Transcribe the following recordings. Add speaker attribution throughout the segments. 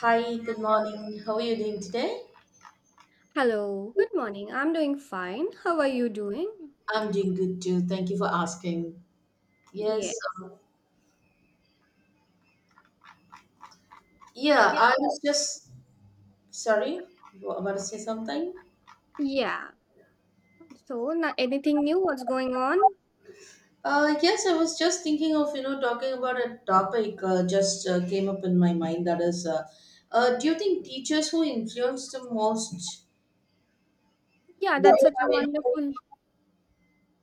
Speaker 1: Hi, good morning. How are you doing today?
Speaker 2: Hello, good morning. I'm doing fine. How are you doing?
Speaker 1: I'm doing good too. Thank you for asking. Yes.
Speaker 2: Yeah.
Speaker 1: um, Yeah, I
Speaker 2: Yeah.
Speaker 1: was just sorry. You were about to say something?
Speaker 2: Yeah. So, anything new? What's going on?
Speaker 1: Yes, I was just thinking of, talking about a topic just came up in my mind. Do you think teachers who influence the most?
Speaker 2: Yeah,
Speaker 1: Do
Speaker 2: that's
Speaker 1: you
Speaker 2: such a
Speaker 1: have any,
Speaker 2: wonderful.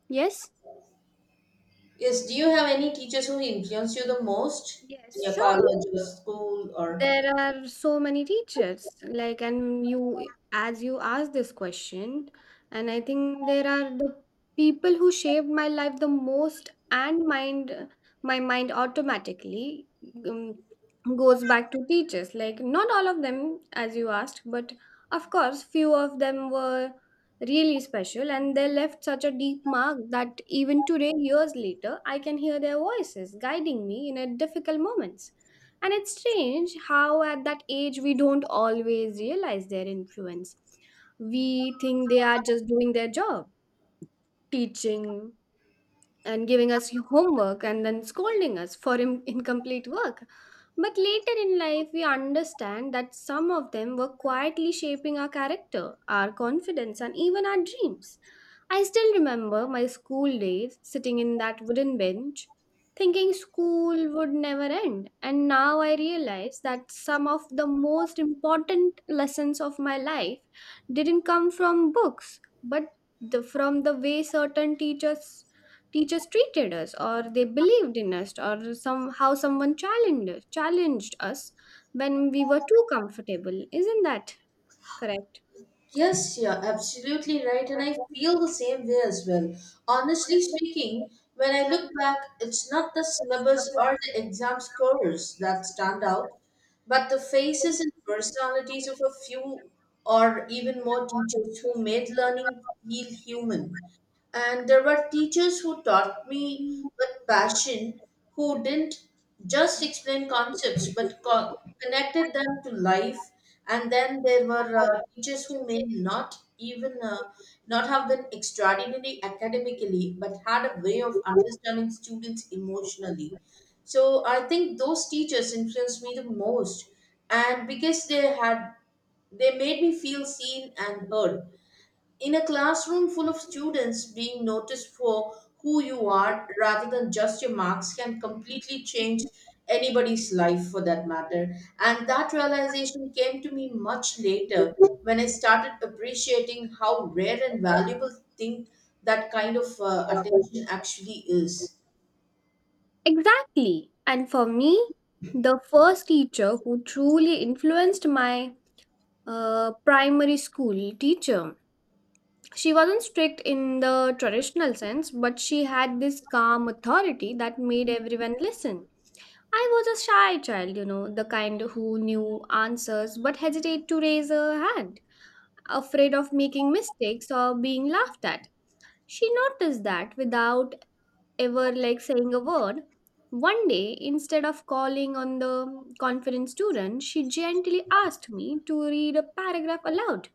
Speaker 2: Yes?
Speaker 1: yes, do you have any teachers who influence you the most in
Speaker 2: Yes,
Speaker 1: your
Speaker 2: sure.
Speaker 1: college or school? Or?
Speaker 2: There are so many teachers, like, and you, as you asked this question, and I think there are the people who shaped my life the most, and mind, my mind automatically um, goes back to teachers. Like, not all of them, as you asked, but of course, few of them were really special, and they left such a deep mark that even today, years later, I can hear their voices guiding me in a difficult moments. And it's strange how at that age we don't always realize their influence. We think they are just doing their job, teaching, and giving us homework and then scolding us for incomplete work. But later in life, we understand that some of them were quietly shaping our character, our confidence, and even our dreams. I still remember my school days sitting in that wooden bench, thinking school would never end. And now I realize that some of the most important lessons of my life didn't come from books, but from the way certain teachers treated us or they believed in us or some how someone challenged us when we were too comfortable, isn't that correct?
Speaker 1: Yes, you're absolutely right, and I feel the same way as well. Honestly speaking, when I look back, it's not the syllabus or the exam scores that stand out, but the faces and personalities of a few or even more teachers who made learning feel human. And there were teachers who taught me with passion, who didn't just explain concepts but connected them to life. And then there were teachers who may not even not have been extraordinary academically but had a way of understanding students emotionally. So I think those teachers influenced me the most, and because they made me feel seen and heard. In a classroom full of students, being noticed for who you are rather than just your marks can completely change anybody's life for that matter. And that realization came to me much later when I started appreciating how rare and valuable thing that kind of attention actually is.
Speaker 2: Exactly. And for me, the first teacher who truly influenced my primary school teacher. She wasn't strict in the traditional sense, but she had this calm authority that made everyone listen. I was a shy child, you know, the kind who knew answers but hesitated to raise a hand, afraid of making mistakes or being laughed at. She noticed that without ever like saying a word. One day, instead of calling on the confident student, she gently asked me to read a paragraph aloud.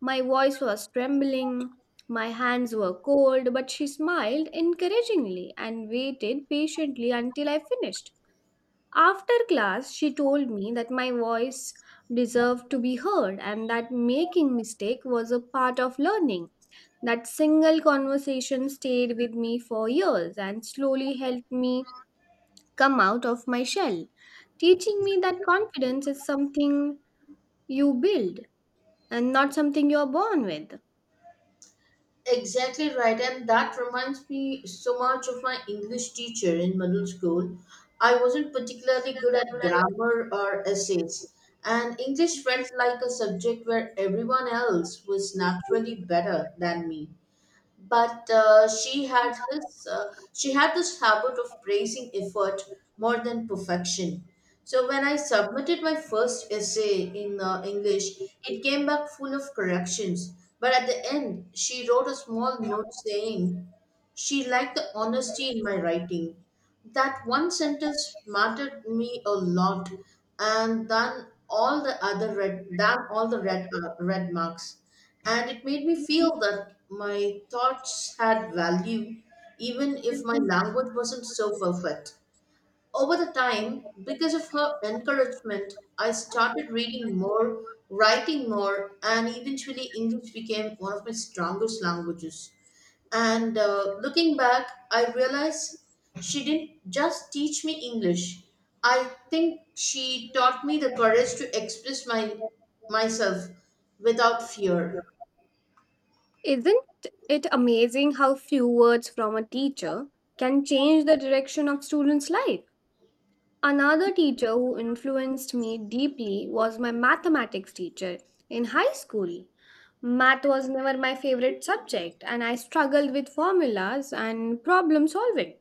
Speaker 2: My voice was trembling, my hands were cold, but she smiled encouragingly and waited patiently until I finished. After class, she told me that my voice deserved to be heard and that making mistake was a part of learning. That single conversation stayed with me for years and slowly helped me come out of my shell, teaching me that confidence is something you build and not something you are born with.
Speaker 1: Exactly right, and that reminds me so much of my English teacher in middle school. I wasn't particularly good at grammar or essays, and English felt like a subject where everyone else was naturally better than me, but she had this habit of praising effort more than perfection. So when I submitted my first essay in English, it came back full of corrections, but at the end she wrote a small note saying she liked the honesty in my writing. That one sentence mattered me a lot, and then all the other red, than all the red red marks, and it made me feel that my thoughts had value, even if my language wasn't so perfect. Over the time, because of her encouragement, I started reading more, writing more, and eventually English became one of my strongest languages. And looking back, I realized she didn't just teach me English. I think she taught me the courage to express my myself without fear.
Speaker 2: Isn't it amazing how few words from a teacher can change the direction of students' life? Another teacher who influenced me deeply was my mathematics teacher in high school. Math was never my favorite subject, and I struggled with formulas and problem solving.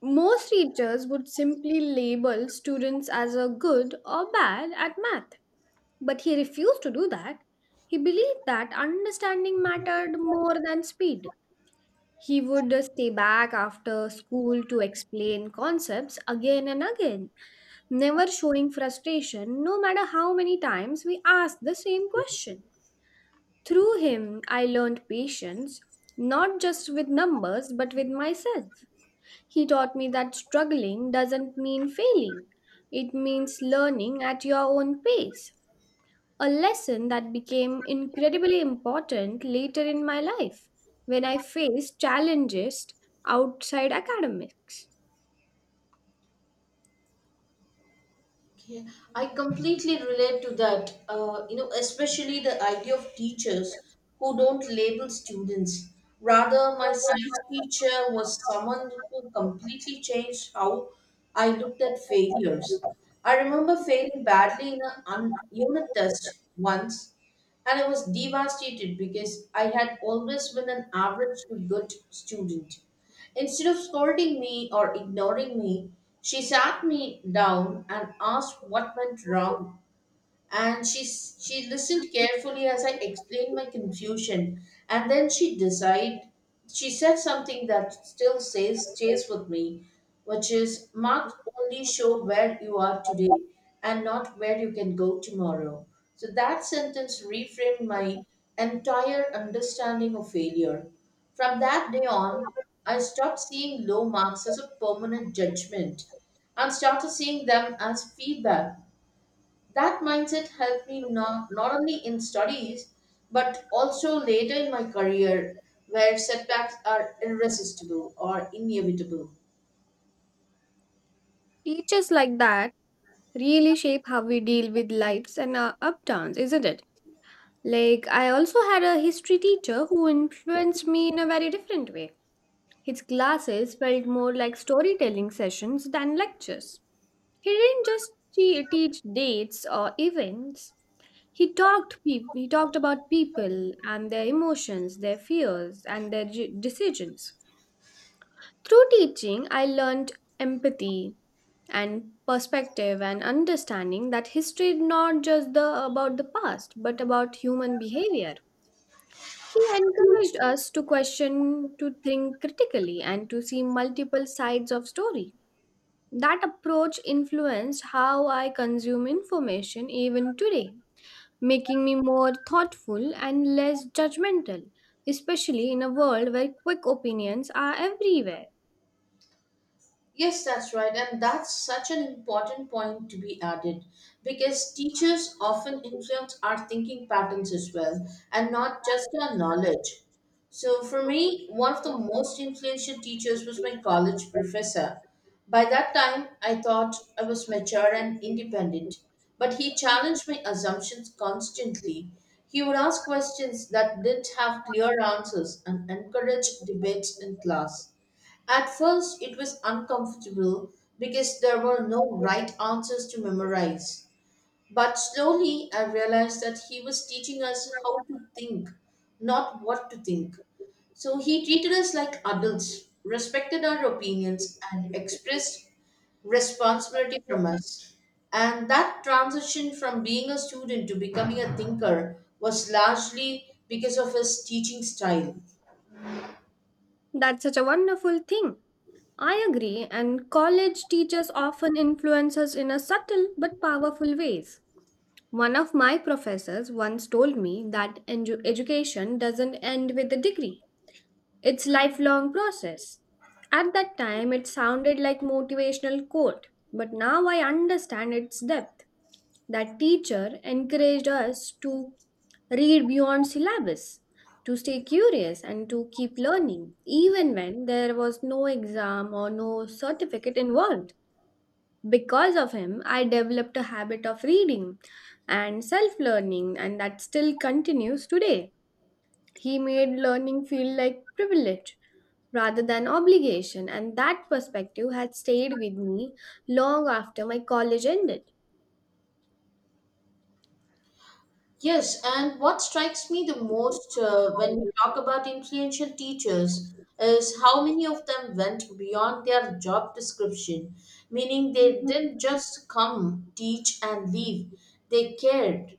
Speaker 2: Most teachers would simply label students as a good or bad at math, but he refused to do that. He believed that understanding mattered more than speed. He would stay back after school to explain concepts again and again, never showing frustration no matter how many times we asked the same question. Through him, I learned patience, not just with numbers but with myself. He taught me that struggling doesn't mean failing, it means learning at your own pace, a lesson that became incredibly important later in my life when I faced challenges outside academics.
Speaker 1: Okay. I completely relate to that. You know, especially the idea of teachers who don't label students. Rather, my science teacher was someone who completely changed how I looked at failures. I remember failing badly in a unit test once, and I was devastated because I had always been an average to good student. Instead of scolding me or ignoring me, she sat me down and asked what went wrong, and she listened carefully as I explained my confusion, and then she said something that still says stays with me, which is marks only show where you are today and not where you can go tomorrow. So that sentence reframed my entire understanding of failure. From that day on, I stopped seeing low marks as a permanent judgment and started seeing them as feedback. That mindset helped me not only in studies but also later in my career, where setbacks are irresistible or inevitable.
Speaker 2: Teachers like that really shape how we deal with lives and our upturns, isn't it? Like, I also had a history teacher who influenced me in a very different way. His classes felt more like storytelling sessions than lectures. He didn't just teach dates or events. He talked about people and their emotions, their fears and their decisions. Through teaching, I learned empathy and perspective and understanding that history is not just the about the past but about human behavior. He encouraged us to question, to think critically and to see multiple sides of story. That approach influenced how I consume information even today, making me more thoughtful and less judgmental, especially in a world where quick opinions are everywhere.
Speaker 1: Yes, that's right. And that's such an important point to be added because teachers often influence our thinking patterns as well and not just our knowledge. So, for me, one of the most influential teachers was my college professor. By that time, I thought I was mature and independent, but he challenged my assumptions constantly. He would ask questions that didn't have clear answers and encouraged debates in class. At first, it was uncomfortable because there were no right answers to memorize. But slowly, I realized that he was teaching us how to think, not what to think. So he treated us like adults, respected our opinions, and expressed responsibility from us. And that transition from being a student to becoming a thinker was largely because of his teaching style.
Speaker 2: That's such a wonderful thing. I agree, and college teachers often influence us in a subtle but powerful ways. One of my professors once told me that education doesn't end with a degree. It's lifelong process. At that time it sounded like motivational quote, but now I understand its depth. That teacher encouraged us to read beyond syllabus, to stay curious, and to keep learning, even when there was no exam or no certificate involved. Because of him, I developed a habit of reading and self learning, and that still continues today. He made learning feel like privilege rather than obligation, and that perspective had stayed with me long after my college ended.
Speaker 1: Yes, and what strikes me the most when we talk about influential teachers is how many of them went beyond their job description, meaning they didn't just come, teach, and leave. They cared,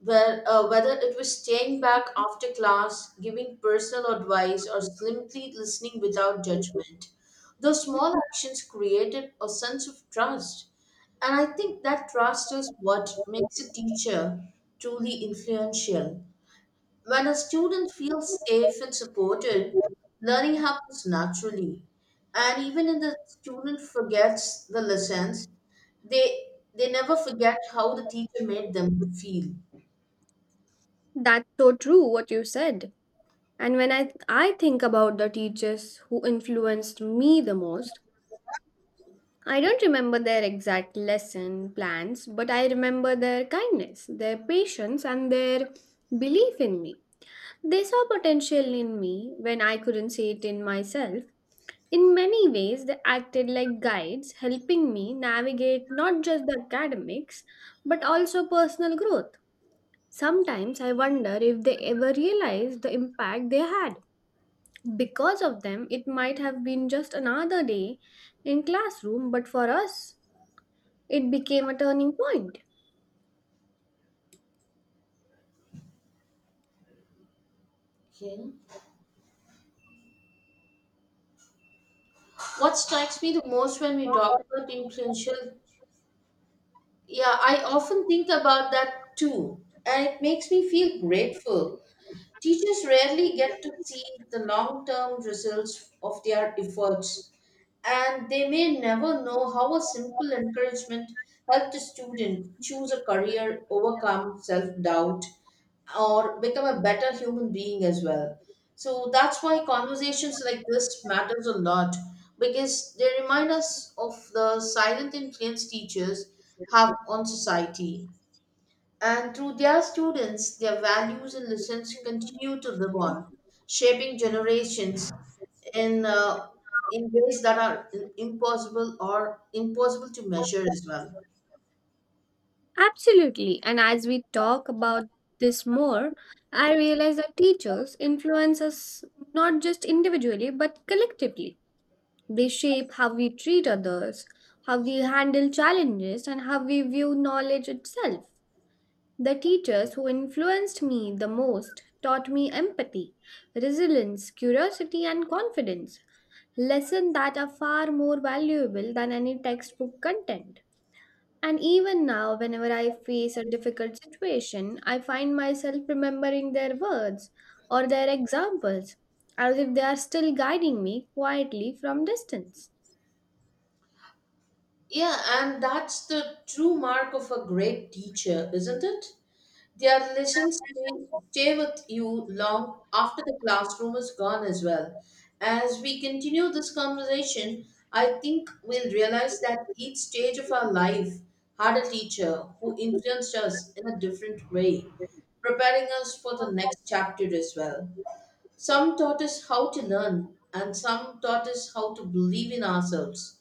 Speaker 1: whether it was staying back after class, giving personal advice, or simply listening without judgment. Those small actions created a sense of trust. And I think that trust is what makes a teacher truly influential. When a student feels safe and supported, learning happens naturally. And even if the student forgets the lessons, they they never forget how the teacher made them feel.
Speaker 2: That's so true, what you said. And when I think about the teachers who influenced me the most, I don't remember their exact lesson plans, but I remember their kindness, their patience, and their belief in me. They saw potential in me when I couldn't see it in myself. In many ways, they acted like guides, helping me navigate not just the academics, but also personal growth. Sometimes I wonder if they ever realized the impact they had. Because of them, it might have been just another day in classroom, but for us, it became a turning point.
Speaker 1: Okay. What strikes me the most when we talk about influential, yeah, I often think about that too. And it makes me feel grateful. Teachers rarely get to see the long term results of their efforts, and they may never know how a simple encouragement helped a student choose a career, overcome self doubt, or become a better human being as well. So that's why conversations like this matters a lot, because they remind us of the silent influence teachers have on society, and through their students, their values and lessons continue to live on, shaping generations in uh, in ways that are impossible or impossible to measure as well.
Speaker 2: Absolutely. And as we talk about this more, I realize that teachers influence us not just individually, but collectively. They shape how we treat others, how we handle challenges, and how we view knowledge itself. The teachers who influenced me the most taught me empathy, resilience, curiosity, and confidence. Lessons that are far more valuable than any textbook content. And even now, whenever I face a difficult situation, I find myself remembering their words or their examples as if they are still guiding me quietly from distance.
Speaker 1: Yeah, and that's the true mark of a great teacher, isn't it? Their stay with you long after the classroom is gone as well. As we continue this conversation, I think we'll realize that each stage of our life had a teacher who influenced us in a different way, preparing us for the next chapter as well. Some taught us how to learn, and some taught us how to believe in ourselves,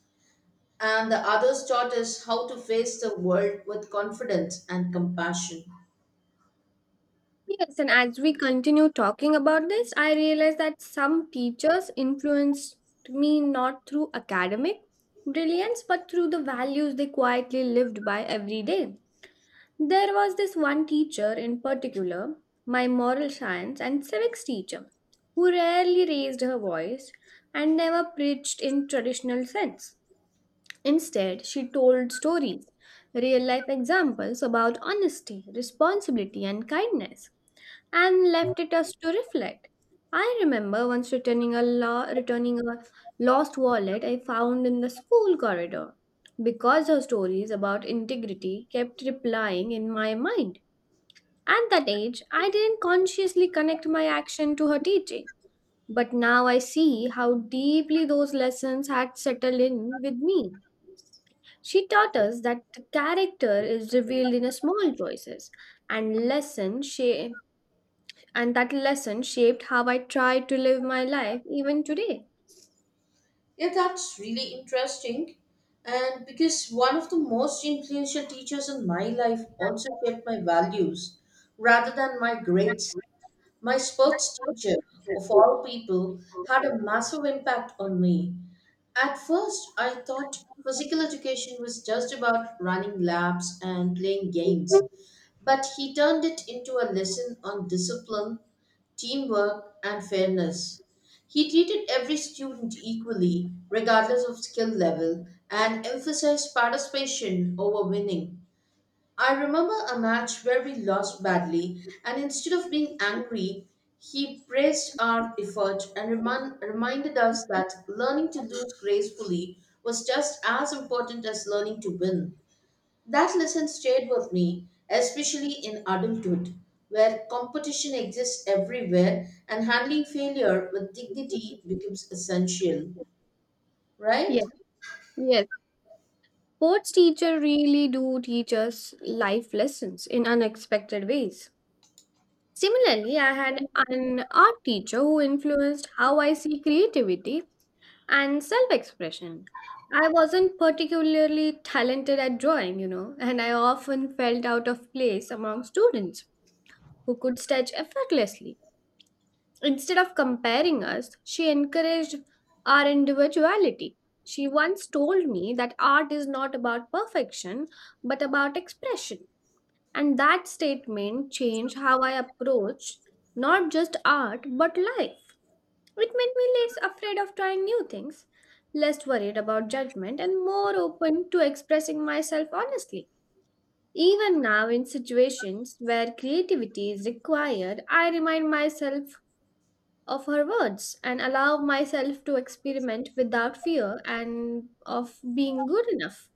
Speaker 1: and the others taught us how to face the world with confidence and compassion.
Speaker 2: Yes, and as we continue talking about this, I realized that some teachers influenced me not through academic brilliance but through the values they quietly lived by every day. There was this one teacher in particular, my moral science and civics teacher, who rarely raised her voice and never preached in traditional sense. Instead, she told stories, real life examples about honesty, responsibility, and kindness, and left it us to reflect. I remember once returning a lost wallet I found in the school corridor because her stories about integrity kept replying in my mind. At that age, I didn't consciously connect my action to her teaching, but now I see how deeply those lessons had settled in with me. She taught us that the character is revealed in the small choices and lessons she. And that lesson shaped how I try to live my life even today.
Speaker 1: Yeah, that's really interesting. And because one of the most influential teachers in my life also shaped my values rather than my grades, my sports teacher, of all people, had a massive impact on me. At first, I thought physical education was just about running laps and playing games. But he turned it into a lesson on discipline, teamwork, and fairness. He treated every student equally, regardless of skill level, and emphasized participation over winning. I remember a match where we lost badly, and instead of being angry, he praised our effort and reminded us that learning to lose gracefully was just as important as learning to win. That lesson stayed with me, especially in adulthood, where competition exists everywhere and handling failure with dignity becomes essential, right?
Speaker 2: Yes, yes. Sports teacher really do teach us life lessons in unexpected ways. Similarly, I had an art teacher who influenced how I see creativity and self expression. I wasn't particularly talented at drawing, you know, and I often felt out of place among students who could sketch effortlessly. Instead of comparing us, she encouraged our individuality. She once told me that art is not about perfection, but about expression. And that statement changed how I approach not just art, but life. It made me less afraid of trying new things, less worried about judgment, and more open to expressing myself honestly. Even now, in situations where creativity is required, I remind myself of her words and allow myself to experiment without fear and of being good enough.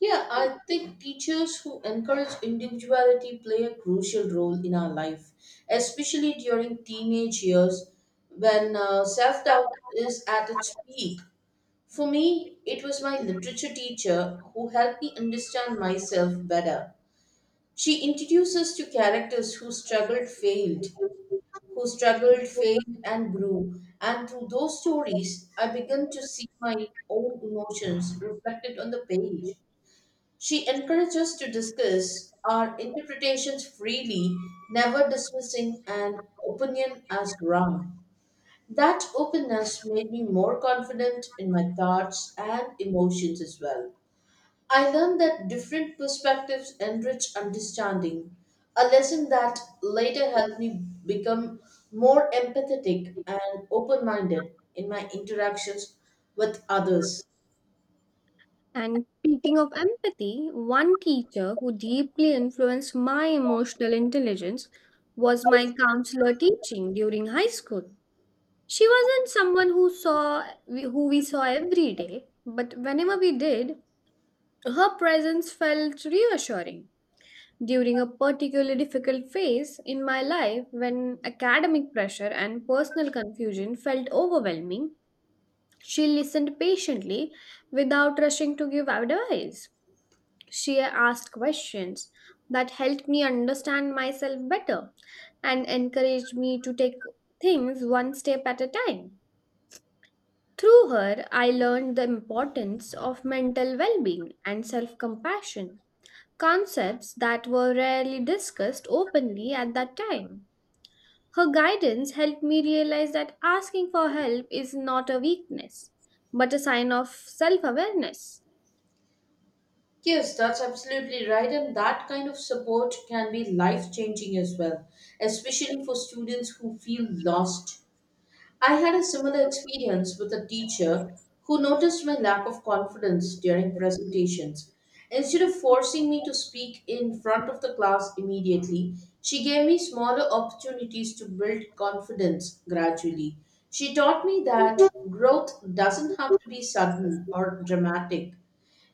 Speaker 1: Yeah, I think teachers who encourage individuality play a crucial role in our life, especially during teenage years when self doubt is at its peak. For me, it was my literature teacher who helped me understand myself better. She introduces to characters who struggled, failed, and grew. And through those stories, I began to see my own emotions reflected on the page. She encourages us to discuss our interpretations freely, never dismissing an opinion as wrong. That openness made me more confident in my thoughts and emotions as well. I learned that different perspectives enrich understanding, a lesson that later helped me become more empathetic and open minded in my interactions with others.
Speaker 2: And speaking of empathy, one teacher who deeply influenced my emotional intelligence was my counselor teaching during high school. She wasn't someone who saw who we saw every day, but whenever we did, her presence felt reassuring. During a particularly difficult phase in my life, when academic pressure and personal confusion felt overwhelming, she listened patiently without rushing to give advice. She asked questions that helped me understand myself better and encouraged me to take things one step at a time. Through her, I learned the importance of mental well being and self compassion, concepts that were rarely discussed openly at that time. Her guidance helped me realize that asking for help is not a weakness, but a sign of self awareness.
Speaker 1: Yes, that's absolutely right, and that kind of support can be life changing as well, especially for students who feel lost. I had a similar experience with a teacher who noticed my lack of confidence during presentations. Instead of forcing me to speak in front of the class immediately, she gave me smaller opportunities to build confidence gradually. She taught me that growth doesn't have to be sudden or dramatic,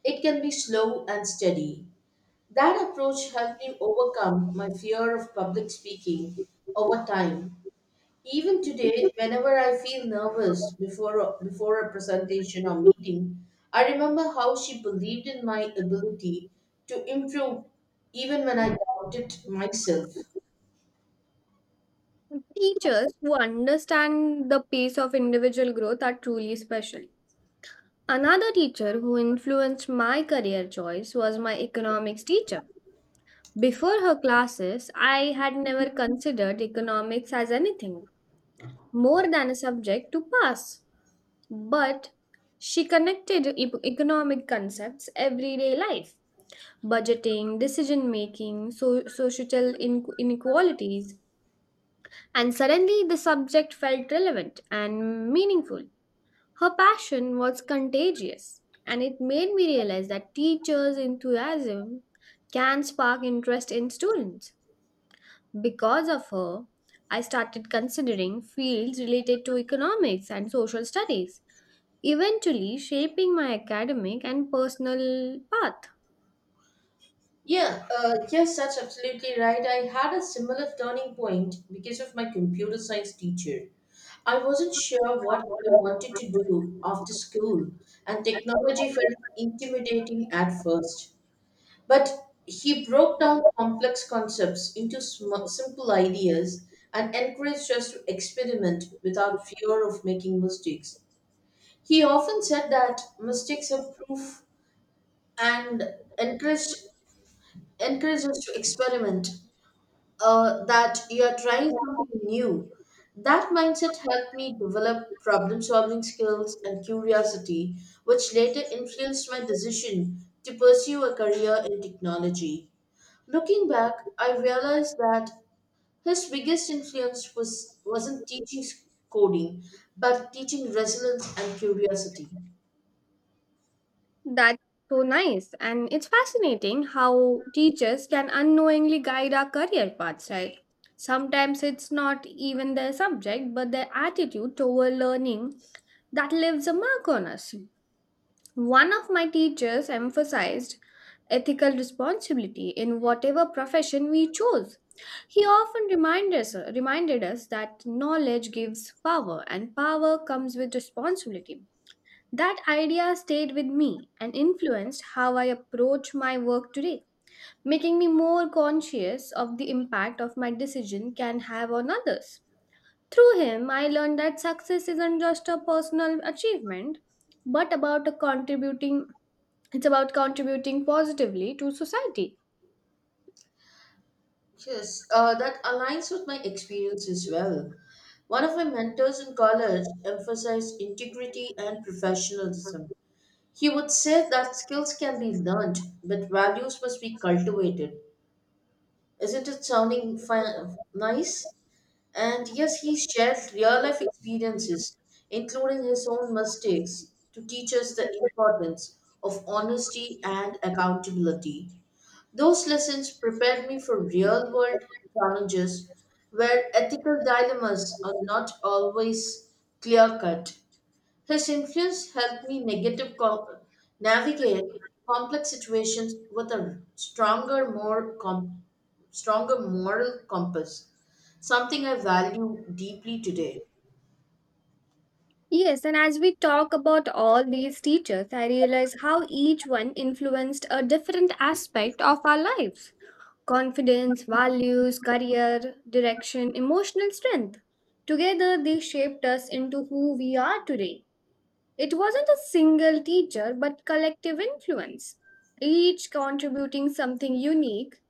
Speaker 1: it can be slow and steady. That approach helped me overcome my fear of public speaking over time. Even today, whenever I feel nervous before before a presentation or meeting, I remember how she believed in my ability to improve even when I doubted myself.
Speaker 2: Teachers who understand the pace of individual growth are truly special. Another teacher who influenced my career choice was my economics teacher. Before her classes, I had never considered economics as anything more than a subject to pass. But she connected economic concepts, everyday life, budgeting, decision making, social inequalities, and suddenly the subject felt relevant and meaningful. Her passion was contagious, and it made me realize that teachers' enthusiasm can spark interest in students. Because of her, I started considering fields related to economics and social studies, eventually shaping my academic and personal path.
Speaker 1: Yeah, yes, that's absolutely right. I had a similar turning point because of my computer science teacher. I wasn't sure what I wanted to do after school, and technology felt intimidating at first. But he broke down complex concepts into simple ideas and encouraged us to experiment without fear of making mistakes. He often said that mistakes are proof and encouraged, encouraged us to experiment, that you are trying something new. That mindset helped me develop problem solving skills and curiosity, which later influenced my decision to pursue a career in technology. Looking back, I realized that his biggest wasn't teaching coding, but teaching resilience and curiosity.
Speaker 2: That's so nice, and it's fascinating how teachers can unknowingly guide our career paths, right? Sometimes it's not even their subject, but their attitude toward learning that leaves a mark on us. One of my teachers emphasized ethical responsibility in whatever profession we chose. He often reminded us that knowledge gives power and power comes with responsibility. That idea stayed with me and influenced how I approach my work today, making me more conscious of the impact of my decision can have on others. Through him, I learned that success isn't just a personal achievement, but about a contributing it's about contributing positively to society.
Speaker 1: Yes, that aligns with my experience as well. One of my mentors in college emphasized integrity and professionalism. He would say that skills can be learned, but values must be cultivated. Isn't it sounding nice? And yes, he shares real life experiences, including his own mistakes, to teach us the importance of honesty and accountability. Those lessons prepared me for real world challenges where ethical dilemmas are not always clear cut. His influence helped me navigate complex situations with a stronger moral compass, something I value deeply today.
Speaker 2: Yes, and as we talk about all these teachers, I realize how each one influenced a different aspect of our lives, confidence, values, career, direction, emotional strength. Together, they shaped us into who we are today. It wasn't a single teacher, but collective influence, each contributing something unique,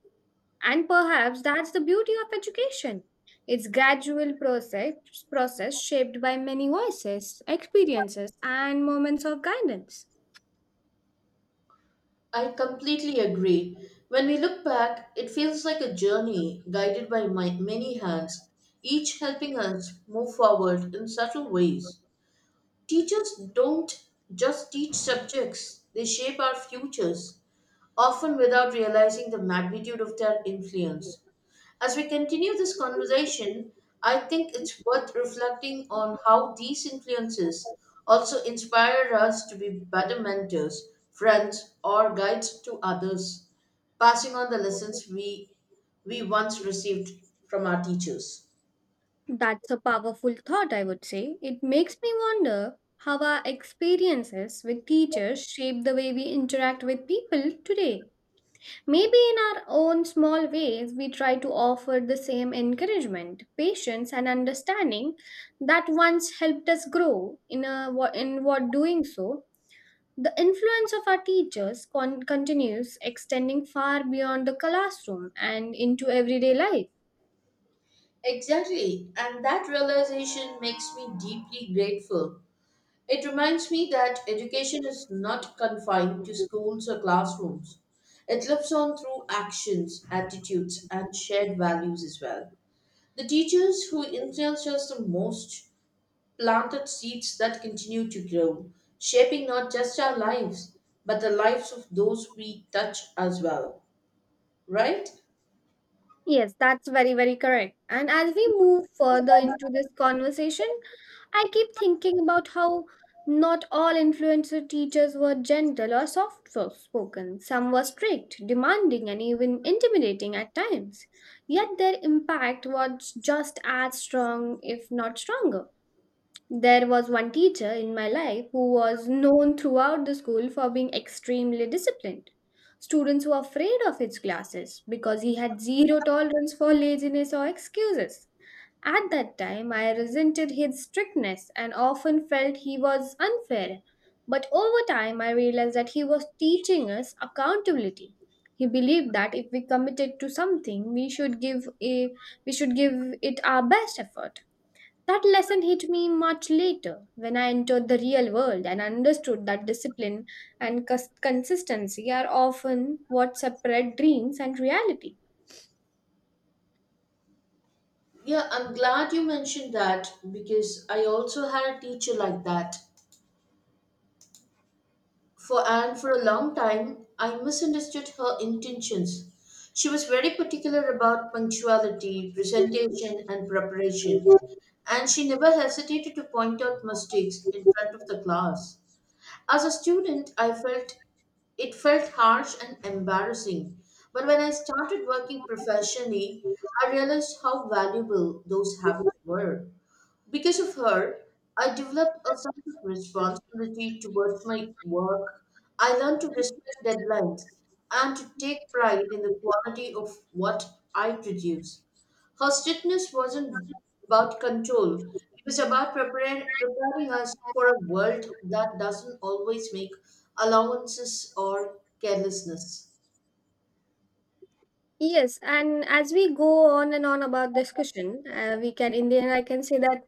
Speaker 2: and perhaps that's the beauty of education. It's gradual process shaped by many voices, experiences, and moments of guidance.
Speaker 1: I completely agree. When we look back, it feels like a journey guided by my many hands, each helping us move forward in subtle ways. Teachers don't just teach subjects, they shape our futures, often without realizing the magnitude of their influence. As we continue this conversation, I think it's worth reflecting on how these influences also inspire us to be better mentors, friends, or guides to others, passing on the lessons we once received from our teachers.
Speaker 2: That's a powerful thought, I would say. It makes me wonder how our experiences with teachers shape the way we interact with people today. Maybe in our own small ways, we try to offer the same encouragement, patience, and understanding that once helped us grow in, a, in what doing so. The influence of our teachers continues extending far beyond the classroom and into everyday life.
Speaker 1: Exactly, and that realization makes me deeply grateful. It reminds me that education is not confined to schools or classrooms. It lives on through actions, attitudes, and shared values as well. The teachers who influence us the most planted seeds that continue to grow, shaping not just our lives, but the lives of those we touch as well. Right?
Speaker 2: Yes, that's very, very correct. And as we move further into this conversation, I keep thinking about how not all influencer teachers were gentle or soft spoken. Some were strict, demanding, and even intimidating at times. Yet their impact was just as strong, if not stronger. There was one teacher in my life who was known throughout the school for being extremely disciplined. Students were afraid of his classes because he had zero tolerance for laziness or excuses. At that time, I resented his strictness and often felt he was unfair. But over time, I realized that he was teaching us accountability. He believed that if we committed to something, we should give it our best effort. That lesson hit me much later when I entered the real world and understood that discipline and consistency are often what separate dreams and reality.
Speaker 1: Yeah, I'm glad you mentioned that because I also had a teacher like that. For a long time, I misunderstood her intentions. She was very particular about punctuality, presentation, and preparation, and she never hesitated to point out mistakes in front of the class. As a student, I felt it felt harsh and embarrassing, but when I started working professionally, I realized how valuable those habits were. Because of her, I developed a sense of responsibility towards my work. I learned to respect deadlines and to take pride in the quality of what I produce. Her strictness wasn't about control, it was about preparing us for a world that doesn't always make allowances or carelessness.
Speaker 2: Yes, and as we go on and on about discussion, we can in the end I can say that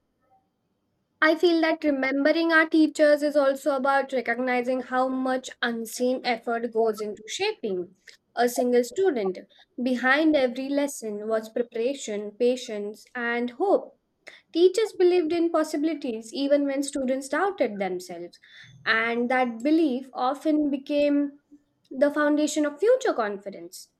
Speaker 2: I feel that remembering our teachers is also about recognizing how much unseen effort goes into shaping a single student. Behind every lesson was preparation, patience, and hope. Teachers believed in possibilities even when students doubted themselves, and that belief often became the foundation of future confidence.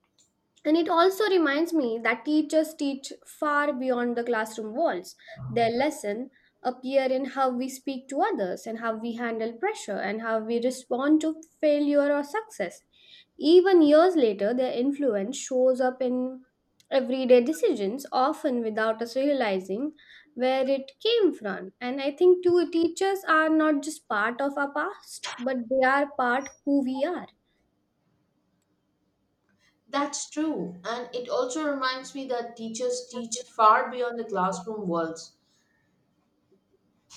Speaker 2: And it also reminds me that teachers teach far beyond the classroom walls. Their lesson appear in how we speak to others and how we handle pressure and how we respond to failure or success. Even years later, their influence shows up in everyday decisions, often without us realizing where it came from. And I think too, teachers are not just part of our past, but they are part who we are.
Speaker 1: That's true. And it also reminds me that teachers teach far beyond the classroom walls.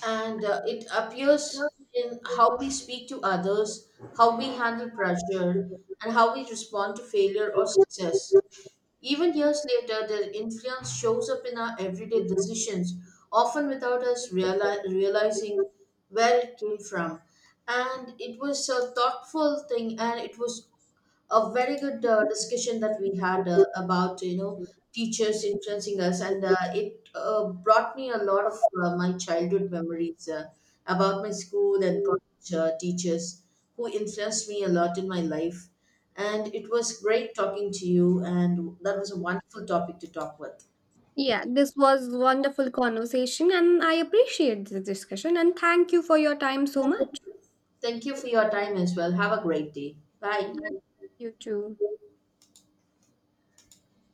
Speaker 1: And it appears in how we speak to others, how we handle pressure, and how we respond to failure or success. Even years later, their influence shows up in our everyday decisions, often without us realizing where it came from. And it was a thoughtful thing, and it was a very good discussion that we had about teachers influencing us, and it brought me a lot of my childhood memories about my school and college teachers who influenced me a lot in my life. And it was great talking to you, and that was a wonderful topic to talk with.
Speaker 2: Yeah, this was wonderful conversation and I appreciate the discussion and thank you for your time so much.
Speaker 1: Thank you for your time as well. Have a great day. Bye.
Speaker 2: And you too.